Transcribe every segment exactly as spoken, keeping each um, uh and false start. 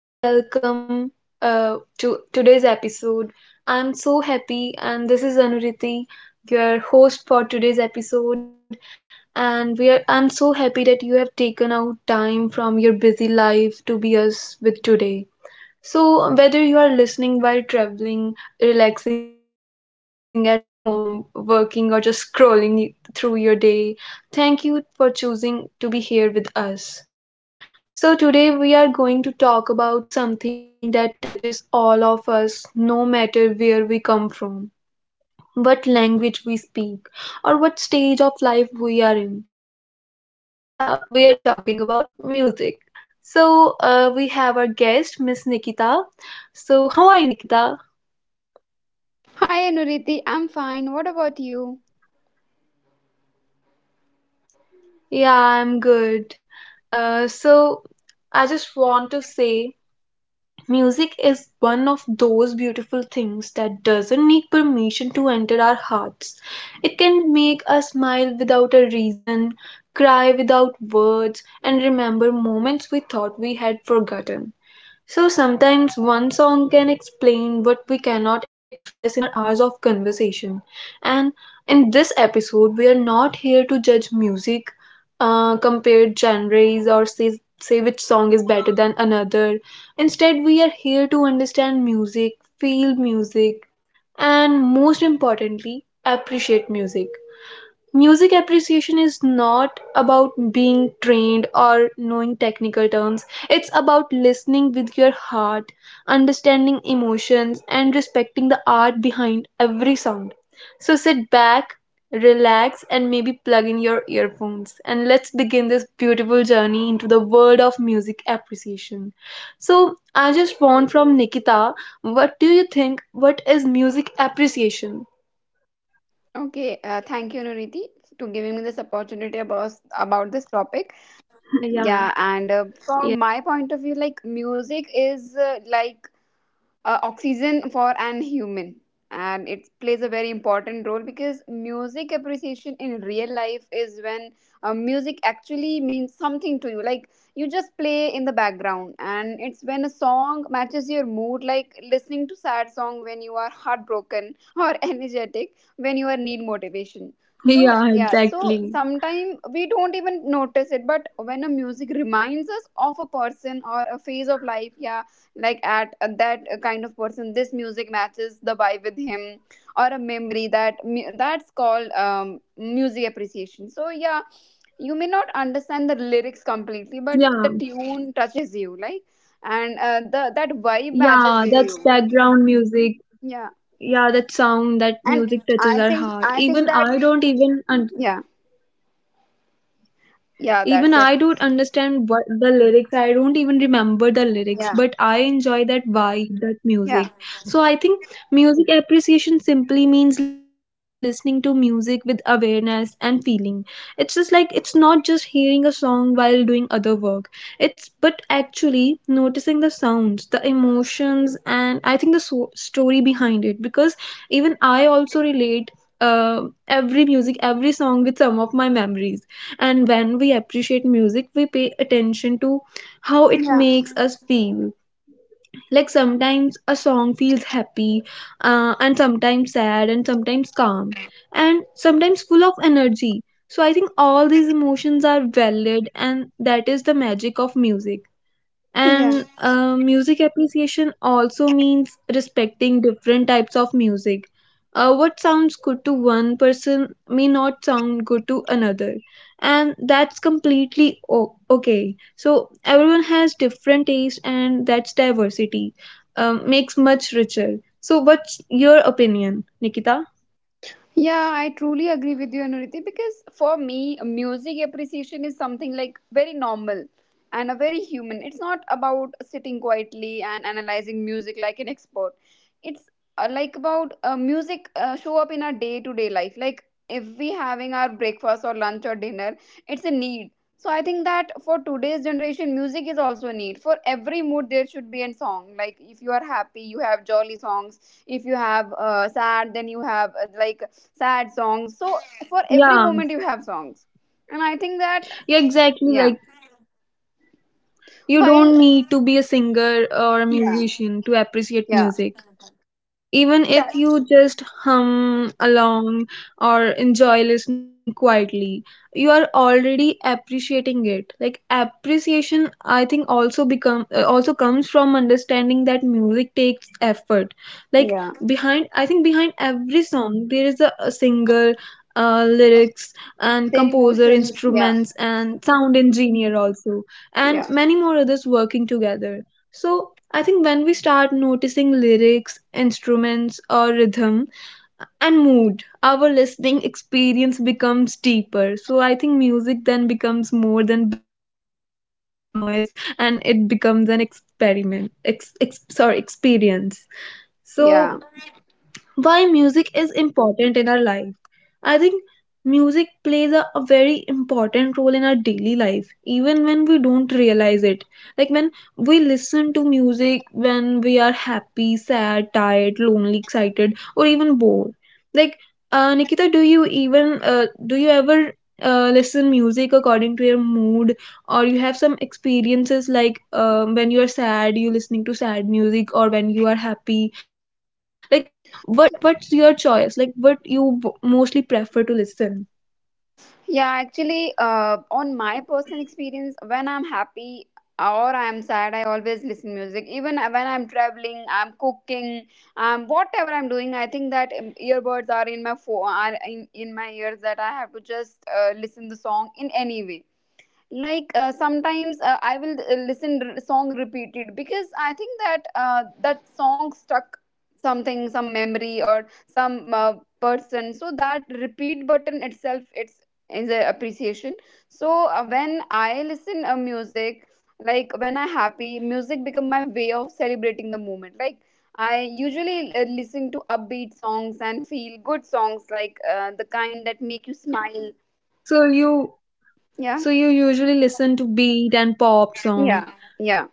and a warm welcome uh, to today's episode. I'm so happy, and this is Anuriti, your host for today's episode. And we are, I'm so happy that you have taken out time from your busy life to be us with today. So, whether you are listening while traveling, relaxing at home, working, or just scrolling through your day, thank you for choosing to be here with us. So, today we are going to talk about something that touches all of us, no matter where we come from, what language we speak, or what stage of life we are in. So, yeah, we are talking about music. So, uh, we have our guest, Miss Nikita. So, how are you, Nikita? Hi Anuriti, I'm fine. What about you? Yeah, I'm good. Uh, so, I just want to say music is one of those beautiful things that doesn't need permission to enter our hearts. It can make us smile without a reason, cry without words, and remember moments we thought we had forgotten. So sometimes one song can explain what we cannot express in our hours of conversation. And in this episode, we are not here to judge music, uh, compare genres, or say, say which song is better than another. Instead, we are here to understand music, feel music, and most importantly, appreciate music. Music appreciation is not about being trained or knowing technical terms. It's about listening with your heart, understanding emotions, and respecting the art behind every sound. So sit back, relax, and maybe plug in your earphones, and let's begin this beautiful journey into the world of music appreciation. So I just want from Nikita, what do you think, what is music appreciation? Okay, uh, thank you Anuriti to giving me this opportunity about about this topic. Yeah, Yeah. and uh, from my point of view, like music is uh, like uh, oxygen for an human, and it plays a very important role because music appreciation in real life is when uh, music actually means something to you, like you just play in the background, and it's when a song matches your mood, like listening to sad song when you are heartbroken or energetic when you are need motivation. So Yeah, yeah, so exactly. sometimes we don't even notice it, but when a music reminds us of a person or a phase of life. Yeah, like at at that uh, kind of person, this music matches the vibe with him, or a memory that mu- that's called um, music appreciation. So yeah, you may not understand the lyrics completely, but Yeah, the tune touches you, like, and uh, the that vibe matches yeah, with you. that's background music. Yeah, Yeah, that sound, that and music i touches our think heart. i think Even that. I don't even un. Yeah, yeah, Even that's I it. don't understand what the lyrics. I don't even remember the lyrics, Yeah, but I enjoy that vibe, that yeah, music. So I think music appreciation simply means listening to music with awareness and feeling. It's just like it's not just hearing a song while doing other work. It's but actually noticing the sounds, the emotions, and I think the so- story behind it. Because even I also relate uh, every music, every song with some of my memories. And when we appreciate music, we pay attention to how it yeah, makes us feel. Like sometimes a song feels happy, uh, and sometimes sad, and sometimes calm, and sometimes full of energy. So I think all these emotions are valid, and that is the magic of music. yeah. And uh, music appreciation also means respecting different types of music. Uh, what sounds good to one person may not sound good to another, and that's completely o- okay. So, everyone has different taste, and that's diversity, um, makes much richer. So, what's your opinion, Nikita? Yeah, I truly agree with you, Anuriti, because for me, music appreciation is something like very normal and a very human. It's not about sitting quietly and analyzing music like an expert. It's uh, like about uh, music uh, show up in our day to day life. Like if we having our breakfast or lunch or dinner, it's a need. So I think that for today's generation, music is also a need. For every mood, there should be a song. Like if you are happy, you have jolly songs. If you have uh, sad, then you have uh, like sad songs. So for every moment you have Yeah, songs, and I think that. yeah, Yeah, exactly. Like, you don't while, need to be a singer or a yeah, musician to yeah, appreciate music. Even that, if you just hum along or enjoy listening quietly, you are already appreciating it. Like appreciation, I think, also become, uh, also comes from understanding that music takes effort. Like yeah, behind, I think behind every song there is a, a singer, uh, lyrics, and their composer, emotions. Yeah, instruments, and sound engineer also, and yeah, many more others working together. So I think when we start noticing lyrics, instruments, or rhythm and mood, our listening experience becomes deeper. So I think music then becomes more than background noise, and it becomes an experiment. Ex, ex, sorry, experience. So yeah. why music is important in our life. I think music plays a, a very important role in our daily life, even when we don't realize it. Like when we listen to music when we are happy, sad, tired, lonely, excited, or even bored. Like uh, Nikita, do you even uh, do you ever uh, listen music according to your mood, or you have some experiences like um, when you are sad, you listening to sad music, or when you are happy, like what what's your choice, like what you b- mostly prefer to listen. Yeah, actually, uh, on my personal experience, when I'm happy or I'm sad, I always listen music. Even when I'm traveling, I'm cooking, um, whatever I'm doing, I think that um, earbuds are in my phone, are in, in my ears, that I have to just uh, listen the song in any way. Like uh, sometimes uh, i will uh, listen r- song repeated because I think that uh, that song stuck something, some memory or some uh, person. So that repeat button itself, it's is an appreciation. So uh, when I listen uh, music, like when I happy, music become my way of celebrating the moment. Like I usually uh, listen to upbeat songs and feel good songs, like uh, the kind that make you smile. So you, Yeah, so you usually listen to beat and pop song. yeah, yeah.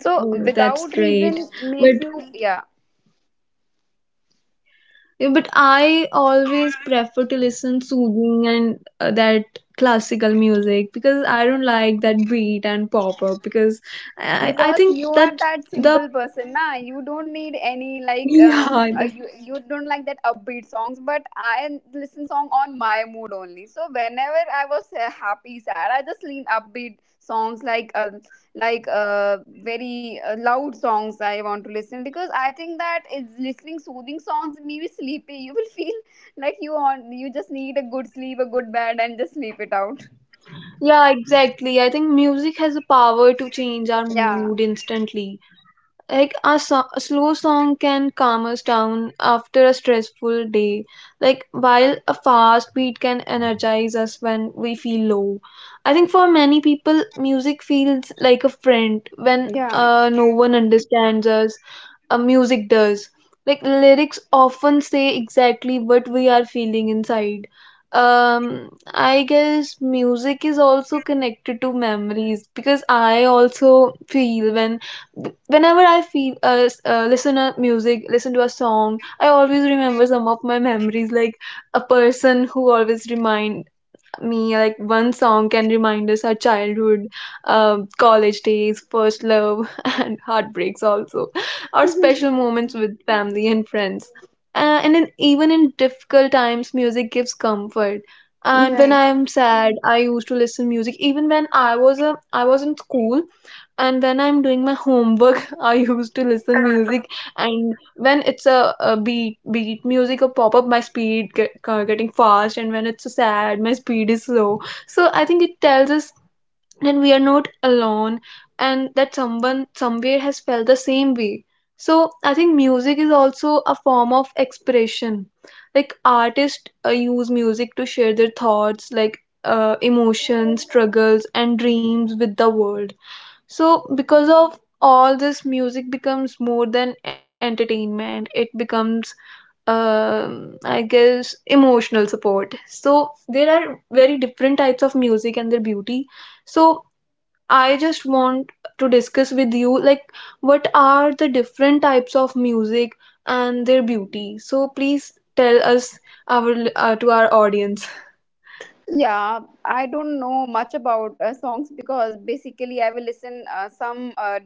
So Oh, that's without great. reason make but you, yeah, but I always prefer to listen soothing and uh, that classical music, because I don't like that beat and pop up. Because i i because think you are that that the, simple person na, you don't need any, like uh, yeah, uh, the, you you don't like that upbeat songs, but I listen song on my mood only. So whenever I was uh, happy sad, I just lean upbeat songs, like uh, like uh, very uh, loud songs I want to listen, because I think that is listening soothing songs, maybe sleepy you will feel, like you on, you just need a good sleep, a good bed and just sleep it out. yeah exactly, I think music has the power to change our Yeah, mood instantly. Like a, so- a slow song can calm us down after a stressful day, like while a fast beat can energize us when we feel low. I think for many people music feels like a friend. When yeah. uh, no one understands us, uh, music does. Like lyrics often say exactly what we are feeling inside. Um, I guess music is also connected to memories, because I also feel when, whenever I feel uh, s- uh, listen a music, listen to a song, I always remember some of my memories, like a person who always remind me. Like one song can remind us our childhood, um, college days, first love, and heartbreaks also, or Mhm. special moments with family and friends. Uh, and in, even in difficult times, music gives comfort. And when Yeah, I'm sad, I used to listen music. Even when I was a, I was in school, and when I'm doing my homework, I used to listen music. And when it's a, a beat beat music or pop up, my speed get, uh, getting fast, and when it's a sad, my speed is slow. So I think it tells us that we are not alone, and that someone somewhere has felt the same way. So I think music is also a form of expression. Like artists uh, use music to share their thoughts, like uh, emotions, struggles, and dreams with the world. So, because of all this, music becomes more than entertainment. It becomes, um, I guess, emotional support. So, there are very different types of music and their beauty. So, I just want to discuss with you, like, what are the different types of music and their beauty. So, please tell us our uh, to our audience. yeah. I don't know much about uh, songs, because basically I will listen uh, some uh,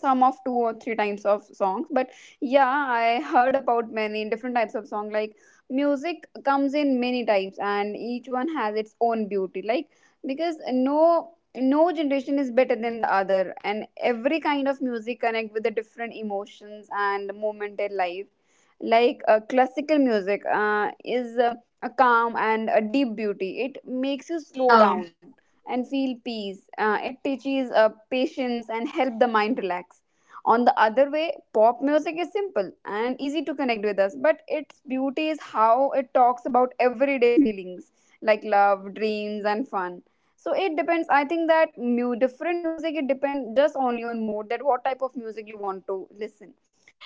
some of two or three types of songs. But yeah, I heard about many different types of song. Like music comes in many types and each one has its own beauty, like because no no generation is better than the other, and every kind of music connect with the different emotions and moment in life. Like uh, classical music uh, is uh, a calm and a deep beauty. It makes you slow Yeah. down and feel peace. Uh, it teaches uh, patience and help the mind relax. On the other way, pop music is simple and easy to connect with us, but its beauty is how it talks about everyday feelings, like love, dreams, and fun. So it depends. I think that mu- different music, it depends just only on mood, that what type of music you want to listen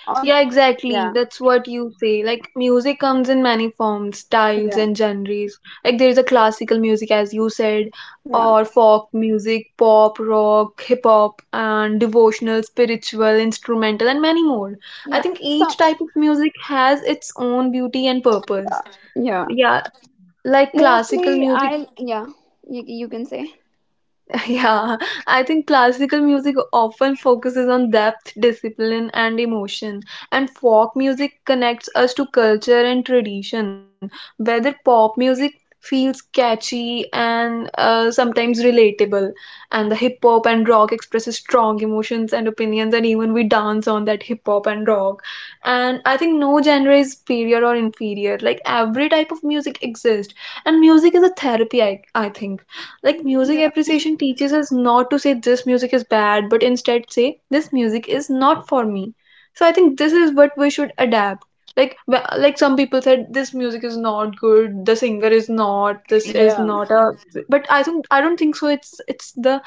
on. Yeah, exactly. Yeah, That's what you say. Like, music comes in many forms, styles, yeah, and genres. Like, there is a classical music, as you said, yeah, or folk music, pop, rock, hip hop, and devotional, spiritual, instrumental, and many more. I yeah. think each So type of music has its own beauty and purpose. yeah. Yeah, like classical Mostly, music. I'll, yeah, you, you can say. Yeah, I think classical music often focuses on depth, discipline, and emotion, and folk music connects us to culture and tradition. Whether pop music feels catchy and uh, sometimes relatable, and the hip hop and rock expresses strong emotions and opinions, and even we dance on that hip hop and rock. And I think no genre is superior or inferior. Like every type of music exists, and music is a therapy. I I think like music Yeah, appreciation teaches us not to say this music is bad, but instead say this music is not for me. So I think this is what we should adapt. Like wh- like some people said this music is not good, the singer is not, this is yeah, not a, but I think I don't think so it's it's the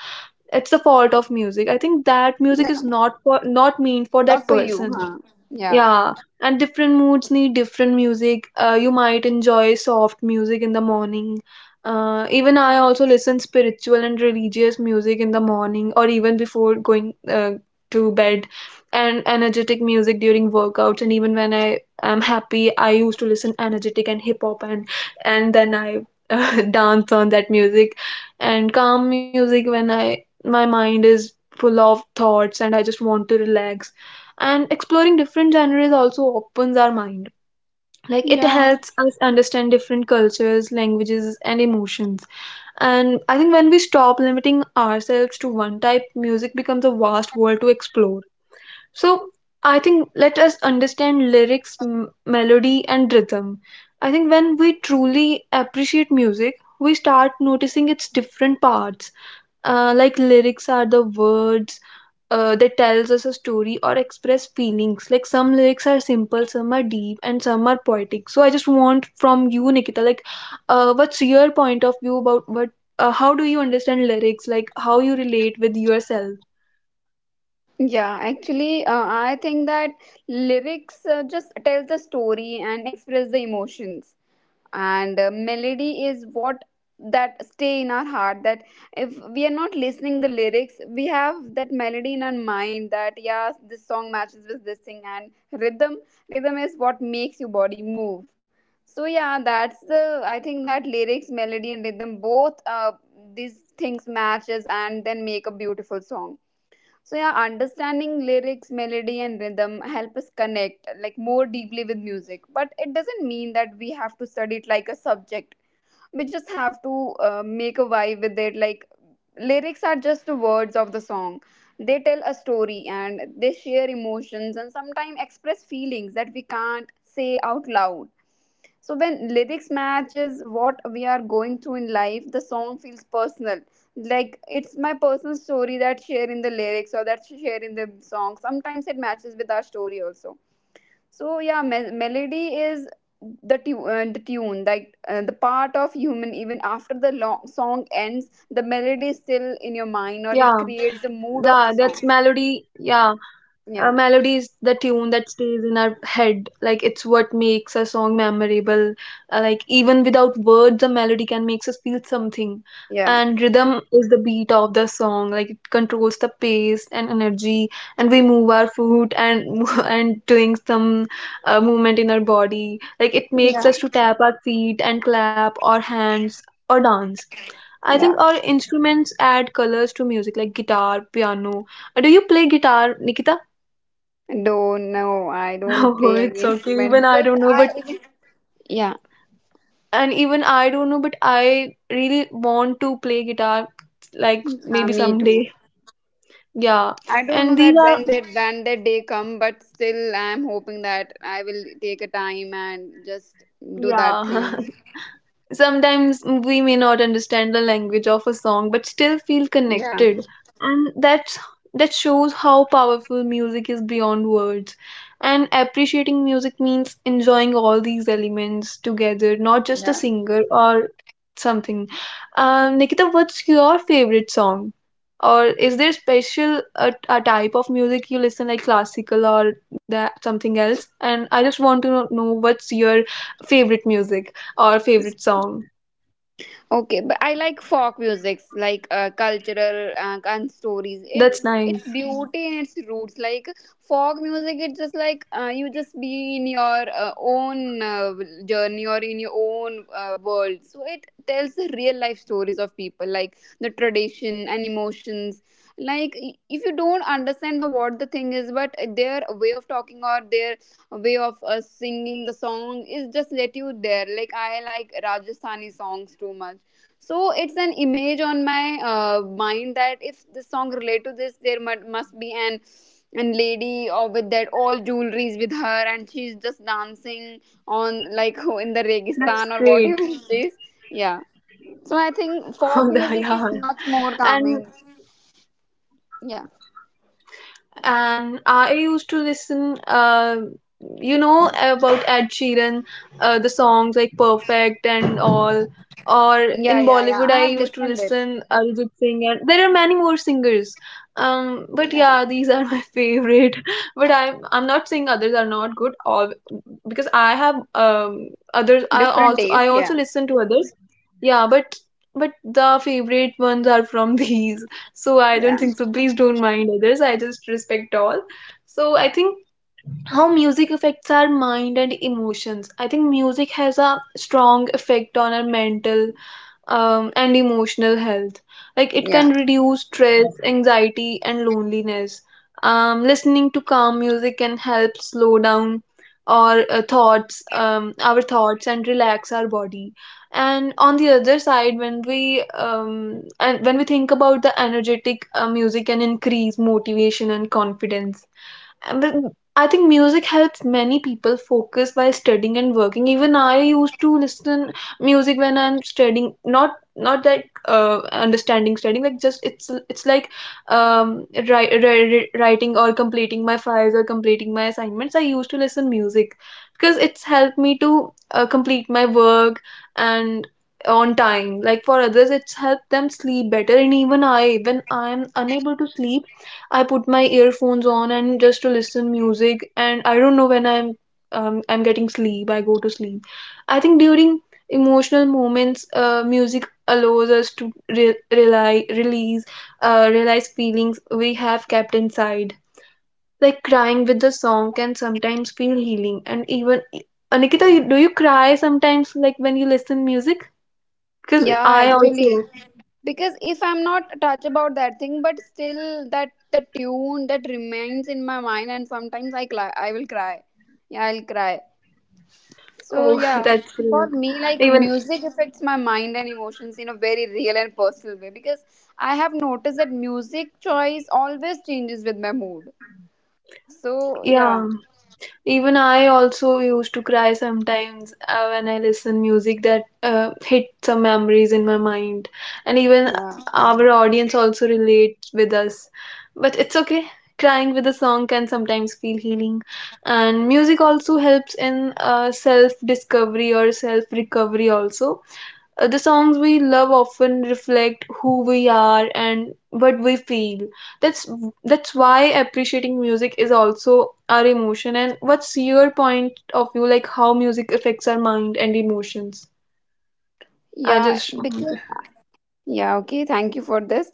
it's the fault of music. I think that music yeah. is not for not meant for that Not for you, person. huh? Yeah, Yeah, and different moods need different music. Uh, you might enjoy soft music in the morning. Uh, even I also listen spiritual and religious music in the morning or even before going uh, to bed, and energetic music during workouts, and even when I am happy, I used to listen energetic and hip hop, and and then I uh, dance on that music, and calm music when I my mind is full of thoughts and I just want to relax. And exploring different genres also opens our mind, like it yeah, helps us understand different cultures, languages, and emotions. And I think when we stop limiting ourselves to one type, music becomes a vast world to explore. So I think let us understand lyrics, m- melody, and rhythm. I think when we truly appreciate music, we start noticing its different parts. Uh, like lyrics are the words uh, that tells us a story or express feelings. Like some lyrics are simple, some are deep, and some are poetic. So I just want from you, Nikita, like, uh, what's your point of view about what? Uh, how do you understand lyrics? Like how you relate with yourself? yeah. Actually, uh, I think that lyrics uh, just tell the story and express the emotions. And uh, melody is what, that stay in our heart, that if we are not listening the lyrics we have that melody in our mind, that yeah, this song matches with this thing. And rhythm rhythm is what makes your body move. So yeah, that's the, I think that lyrics, melody, and rhythm both uh, these things matches and then make a beautiful song. So yeah, understanding lyrics, melody, and rhythm help us connect like more deeply with music. But it doesn't mean that we have to study it like a subject. We just have to uh, make a vibe with it. Like lyrics are just the words of the song, they tell a story and they share emotions and sometimes express feelings that we can't say out loud. So when lyrics matches what we are going through in life, the song feels personal, like it's my personal story that share in the lyrics, or that share in the song, sometimes it matches with our story also. So yeah, me- melody is the tu- uh, the tune, like uh, the part of human. Even after the long song ends, the melody is Yeah, still in your mind, or it that that's creates the mood melody. of the song. Yeah, uh, melody is the Yeah, tune that stays in our head. Like it's what makes a song memorable. Uh, like even without words, a melody can makes us feel something. And yeah, rhythm is the beat of the song. Like it controls the pace and energy, and we move our foot and and doing some uh, movement in our body. Like it makes yeah, us to tap our feet and clap our hands or dance. I think yeah. our instruments add colors to music, like guitar, piano. Uh, Do you play guitar, Nikita? Don't know. I don't Oh, play it's any okay. instrument, Even I because don't know, but I even, yeah, and even I don't know, but I really want to play guitar, like yeah, maybe me too. someday. Yeah, I don't and know these that are when that when that day come, but still I'm hoping that I will take a time and just do that yeah. thing. Sometimes we may not understand the language of a song but still feel Yeah, connected. And that's that shows how powerful music is beyond words. And appreciating music means enjoying all these elements together, not just a yeah. singer or something. Um, Nikita, what's your favorite song? Or is there special a, a type of music you listen like classical or that something else? And I just want to know what's your favorite music or favorite song. Okay, but I like folk musics, like uh, cultural uh, and stories. It, That's it's nice. beauty in its roots. Like folk music, it's just like uh, you just be in your uh, own uh, journey or in your own uh, world. So it tells the real life stories of people, like the tradition and emotions. Like i- if you don't understand the what the thing is, but their way of talking or their way of uh, singing the song is just let you there. Like I like Rajasthani songs too much. So it's an image on my uh, mind that if this song relate to this, there mu- must be an an lady or with that all jewelries with her and she's just dancing on, That's like great. in the registan or whatever it is. Yeah, so I Yeah. think folk music is And much more calming. Yeah, and I used to listen, uh, you know, about Ed Sheeran, uh, the songs like Perfect and all. Or in yeah, Bollywood, I yeah, yeah, used I to have listened listen it. Arijit Singh, and there are many more singers. Um, but Yeah, yeah, these are my favorite. But I'm I'm not saying others are not good, all because I have um others. I different also I taste, also yeah, listen to others. Yeah, but but the favorite ones are from these. So I don't yeah, think so, please don't mind others, I just respect all. So I think how music affects our mind and emotions. I think music has a strong effect on our mental um, and emotional health. Like it can yeah. reduce stress, anxiety, and loneliness. Um, listening to calm music can help slow down our uh, thoughts, um, our thoughts, and relax our body. And on the other side, when we um, and when we think about the energetic uh, music, can increase motivation and confidence. And I think music helps many people focus by studying and working. Even I used to listen music when I'm studying, not not that uh, understanding studying, like just it's it's like um ri- ri- writing or completing my files or completing my assignments. I used to listen music because it's helped me to uh, complete my work and on time. Like for others it's helped them sleep better, and even I when I'm unable to sleep, I put my earphones on and just to listen music, and I don't know when I'm um, I'm getting sleep, I go to sleep. I think during emotional moments uh, music allows us to re- rely release uh, realize feelings we have kept inside, like crying with the song can sometimes feel healing. And even Anikita you, do you cry sometimes like when you listen music, because Yeah, I also. actually, because if I'm not touch about that thing, but still that the tune that remains in my mind, and sometimes I cry, I will cry. Yeah, I'll cry. So Oh, yeah, that's for great. me, like Even music affects my mind and emotions in a very real and personal way, because I have noticed that music choice always changes with my mood. So yeah, yeah. Even I also used to cry sometimes uh, when I listen music that uh, hit some memories in my mind, and even yeah, our audience also relates with us. But it's okay. Crying with a song can sometimes feel healing, and music also helps in uh, self discovery or self recovery also. Uh, the songs we love often reflect who we are and what we feel. That's that's why appreciating music is also our emotion. And what's your point of view, like how music affects our mind and emotions? I yeah, just because, yeah. Okay, thank you for this.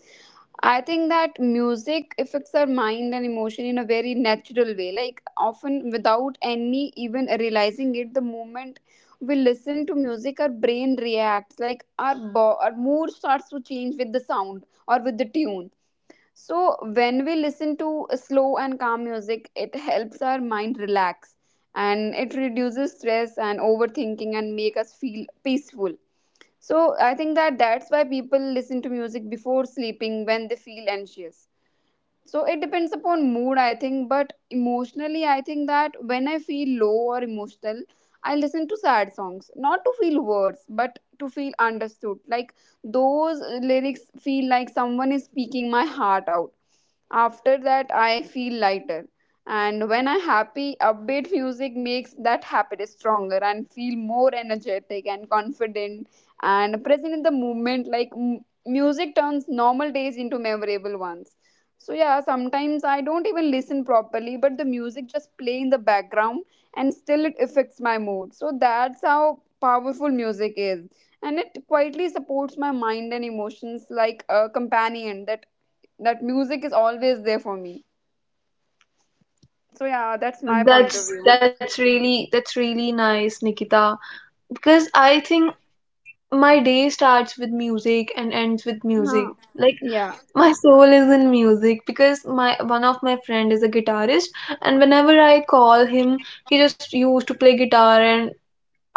I think that music affects our mind and emotion in a very natural way. Like often without any even realizing it, the moment we listen to music, our brain reacts. Like our bo- our mood starts to change with the sound or with the tune. So when we listen to slow and calm music, it helps our mind relax, and it reduces stress and overthinking and make us feel peaceful. So I think that that's why people listen to music before sleeping when they feel anxious. So it depends upon mood, I think. But emotionally, I think that when I feel low or emotional, I listen to sad songs, not to feel words, but to feel understood. Like those lyrics feel like someone is speaking my heart out. After that, I feel lighter. And when I'm happy, upbeat music makes that happiness stronger and feel more energetic and confident and present in the moment. Like m- music turns normal days into memorable ones. So yeah, sometimes I don't even listen properly, but the music just play in the background and still it affects my mood. So that's how powerful music is. And it quietly supports my mind and emotions like a companion, that that music is always there for me. So yeah, that's uh my point of that's view. that's really that's really nice, Nikita. Because I think my day starts with music and ends with music. Huh. Like Yeah. my soul is in music because my one of my friend is a guitarist, and whenever I call him, he just used to play guitar, and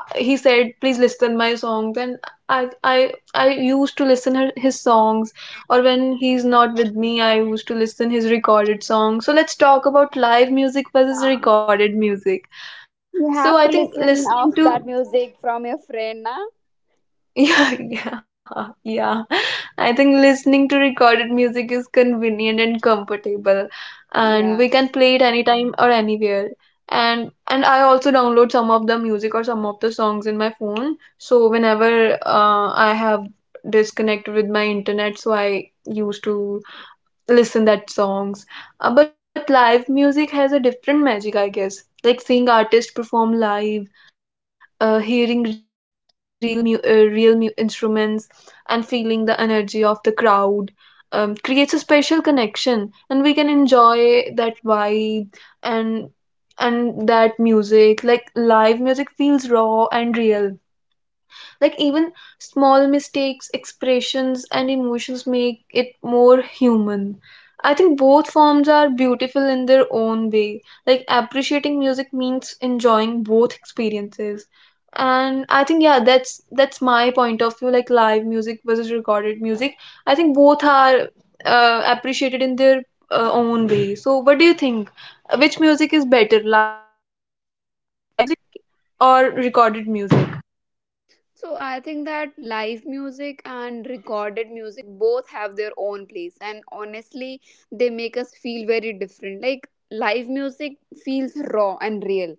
he said please listen my songs. And I I I used to listen her, his songs, or when he's not with me I used to listen his recorded songs. So let's talk about live music versus Yeah. recorded music. So You I have think to listen listening of to that music from your friend, na? yeah, yeah, yeah. I think listening to recorded music is convenient and comfortable, and Yeah. we can play it anytime or anywhere. And and I also download some of the music or some of the songs in my phone. So whenever uh, I have disconnected with my internet, so I used to listen that songs. Uh, but live music has a different magic, I guess. Like seeing artists perform live, uh, hearing real mu- uh, real mu- instruments and feeling the energy of the crowd, um, creates a special connection and we can enjoy that vibe. and and that music, like live music, feels raw and real, like even small mistakes expressions and emotions make it more human. I think both forms are beautiful in their own way, like appreciating music means enjoying both experiences. And I think yeah that's that's my point of view, like live music versus recorded music. I think both are uh, appreciated in their uh, own way. So what do you think, which music is better, live music or recorded music? So I think that live music and recorded music both have their own place, and honestly they make us feel very different. Like live music feels raw and real,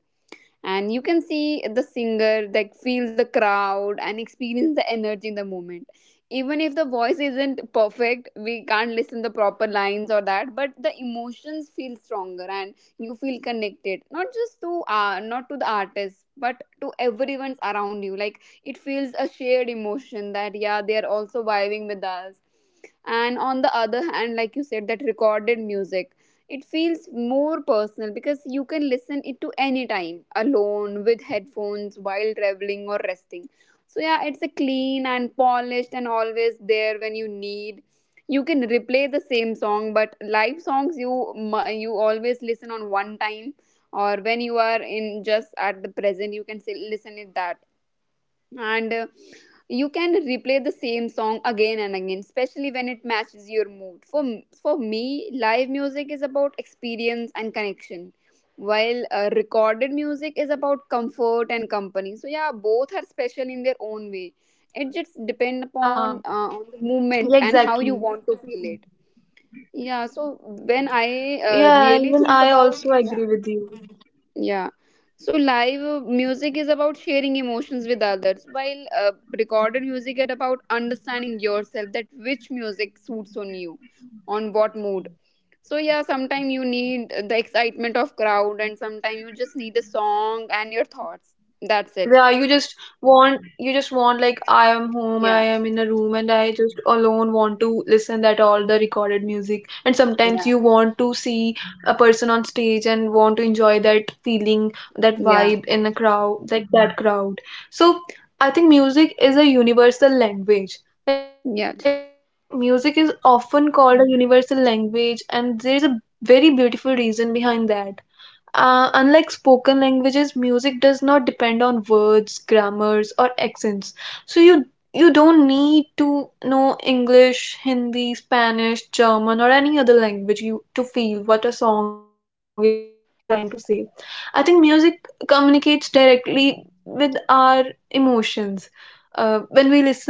and you can see the singer, like feel the crowd and experience the energy in the moment. Even if the voice isn't perfect, we can't listen the proper lines or that, but the emotions feel stronger and you feel connected, not just to uh, not to the artist, but to everyone's around you. Like it feels a shared emotion that yeah, they are also vibing with us. And on the other hand, like you said, that recorded music, it feels more personal because you can listen it to any time alone with headphones, while traveling or resting. So yeah, it's a clean and polished and always there when you need. You can replay the same song, but live songs you mu- you always listen on one time, or when you are in just at the present, you can say listen it that. And uh, You can replay the same song again and again, especially when it matches your mood. For for me, live music is about experience and connection, while uh, recorded music is about comfort and company. So yeah, both are special in their own way. It just Yeah, depend upon uh, on the yeah, movement and exactly. how you want to feel it. Yeah, so when I uh, Yeah, really even think I about also yeah. agree with you. Yeah. So live uh, music is about sharing emotions with others, while uh, recorded music is about understanding yourself, that which music suits on you, on what mood. So yeah, sometimes you need the excitement of crowd, and sometimes you just need a song and your thoughts. That's it. Yeah, you just want, you just want like I am home, I Yeah. am in a room and I just alone want to listen that all the recorded music. And sometimes Yeah. you want to see a person on stage and want to enjoy that feeling, that Yeah. vibe in a crowd, like that crowd. So I think music is a universal language. Like Yeah. music is often called a universal language, and there is a very beautiful reason behind that. Uh, unlike spoken languages, music does not depend on words, grammars, or accents. So you you don't need to know English, Hindi, Spanish, German, or any other language you to feel what a song is trying to say. I think music communicates directly with our emotions. Uh, when we listen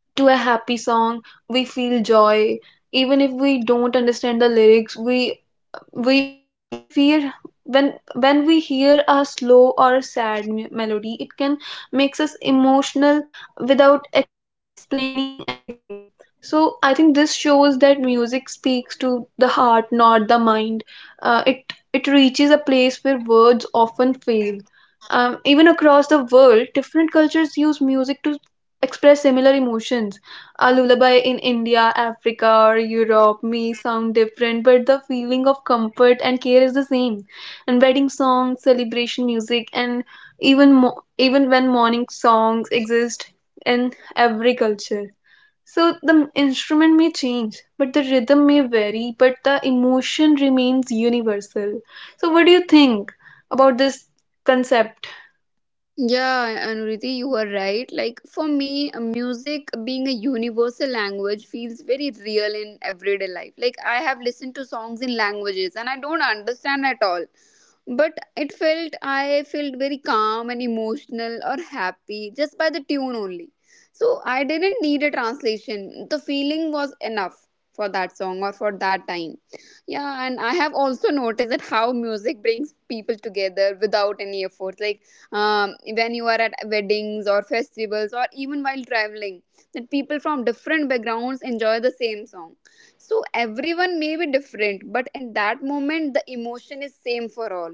to a happy song, we feel joy. Even if we don't understand the lyrics, we we we fear when when we hear a slow or a sad me- melody, it can makes us emotional without explaining anything. So I think this shows that music speaks to the heart, not the mind. Uh, it it reaches a place where words often fail. Um, even across the world, different cultures use music to express similar emotions. A lullaby in India, Africa, or Europe may sound different, but the feeling of comfort and care is the same. And wedding songs, celebration music, and even mo- even when mourning songs exist in every culture. So the instrument may change, but the rhythm may vary, but the emotion remains universal. So what do you think about this concept? Yeah, Anuriti, you are right. Like for me, uh, music being a universal language feels very real in everyday life. Like I have listened to songs in languages and I don't understand at all. But it felt, I felt very calm and emotional or happy just by the tune only. So I didn't need a translation. The feeling was enough for that song or for that time. Yeah, and I have also noticed that how music brings people together without any effort. Like um, when you are at weddings or festivals or even while traveling, that people from different backgrounds enjoy the same song. So everyone may be different, but in that moment the emotion is same for all.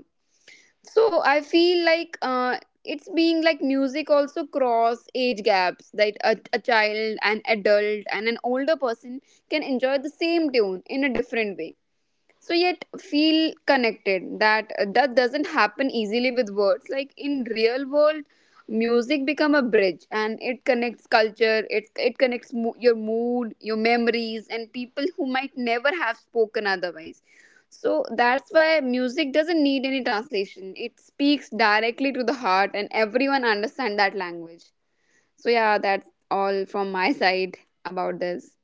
So I feel like uh, it's being like music also cross age gaps, that a, a child, an adult and an older person can enjoy the same tune in a different way. So yet feel connected, that uh, that doesn't happen easily with words, like in real world music become a bridge and it connects culture, it, it connects mo- your mood, your memories and people who might never have spoken otherwise. So that's why music doesn't need any translation, it speaks directly to the heart and everyone understand that language. So yeah, that's all from my side about this.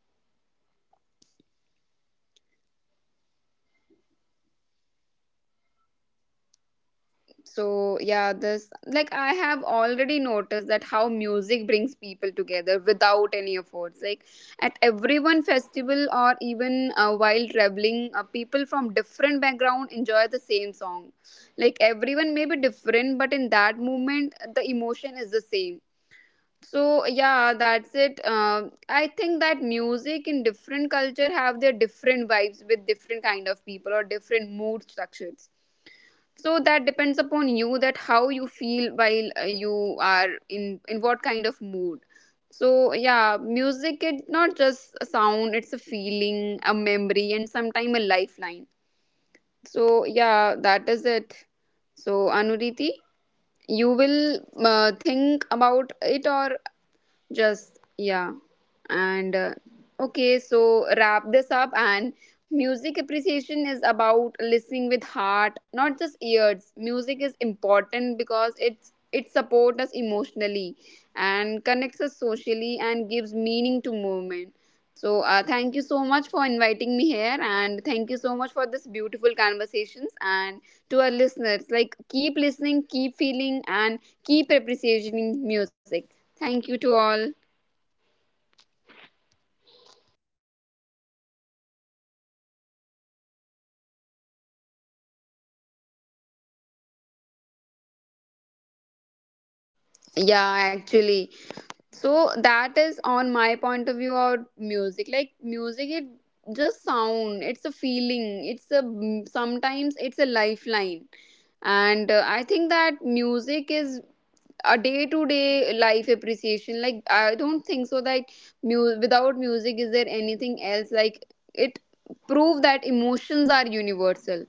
So yeah, this, like I have already noticed that how music brings people together without any efforts. Like at every one festival or even uh, while traveling, uh, people from different background enjoy the same song. Like everyone may be different, but in that moment the emotion is the same. So yeah, that's it. Um, I think that music in different culture have their different vibes, with different kind of people or different mood structures. So that depends upon you, that how you feel while uh, you are in in what kind of mood. So yeah, music, it's not just a sound, it's a feeling, a memory, and sometimes a lifeline. So yeah, that is it. So Anuriti, you will uh, think about it, or just yeah. and uh, Okay, so wrap this up. And music appreciation is about listening with heart, not just ears. Music is important because it's it supports us emotionally and connects us socially and gives meaning to movement. So uh, thank you so much for inviting me here, and thank you so much for this beautiful conversations. And to our listeners, like keep listening, keep feeling, and keep appreciating music. Thank you to all. Yeah, actually. So that is on my point of view of music. Like music, it just sound. It's a feeling. It's a, sometimes it's a lifeline, and uh, I think that music is a day to day life appreciation. Like I don't think so that mu- without music is there anything else. Like it prove that emotions are universal.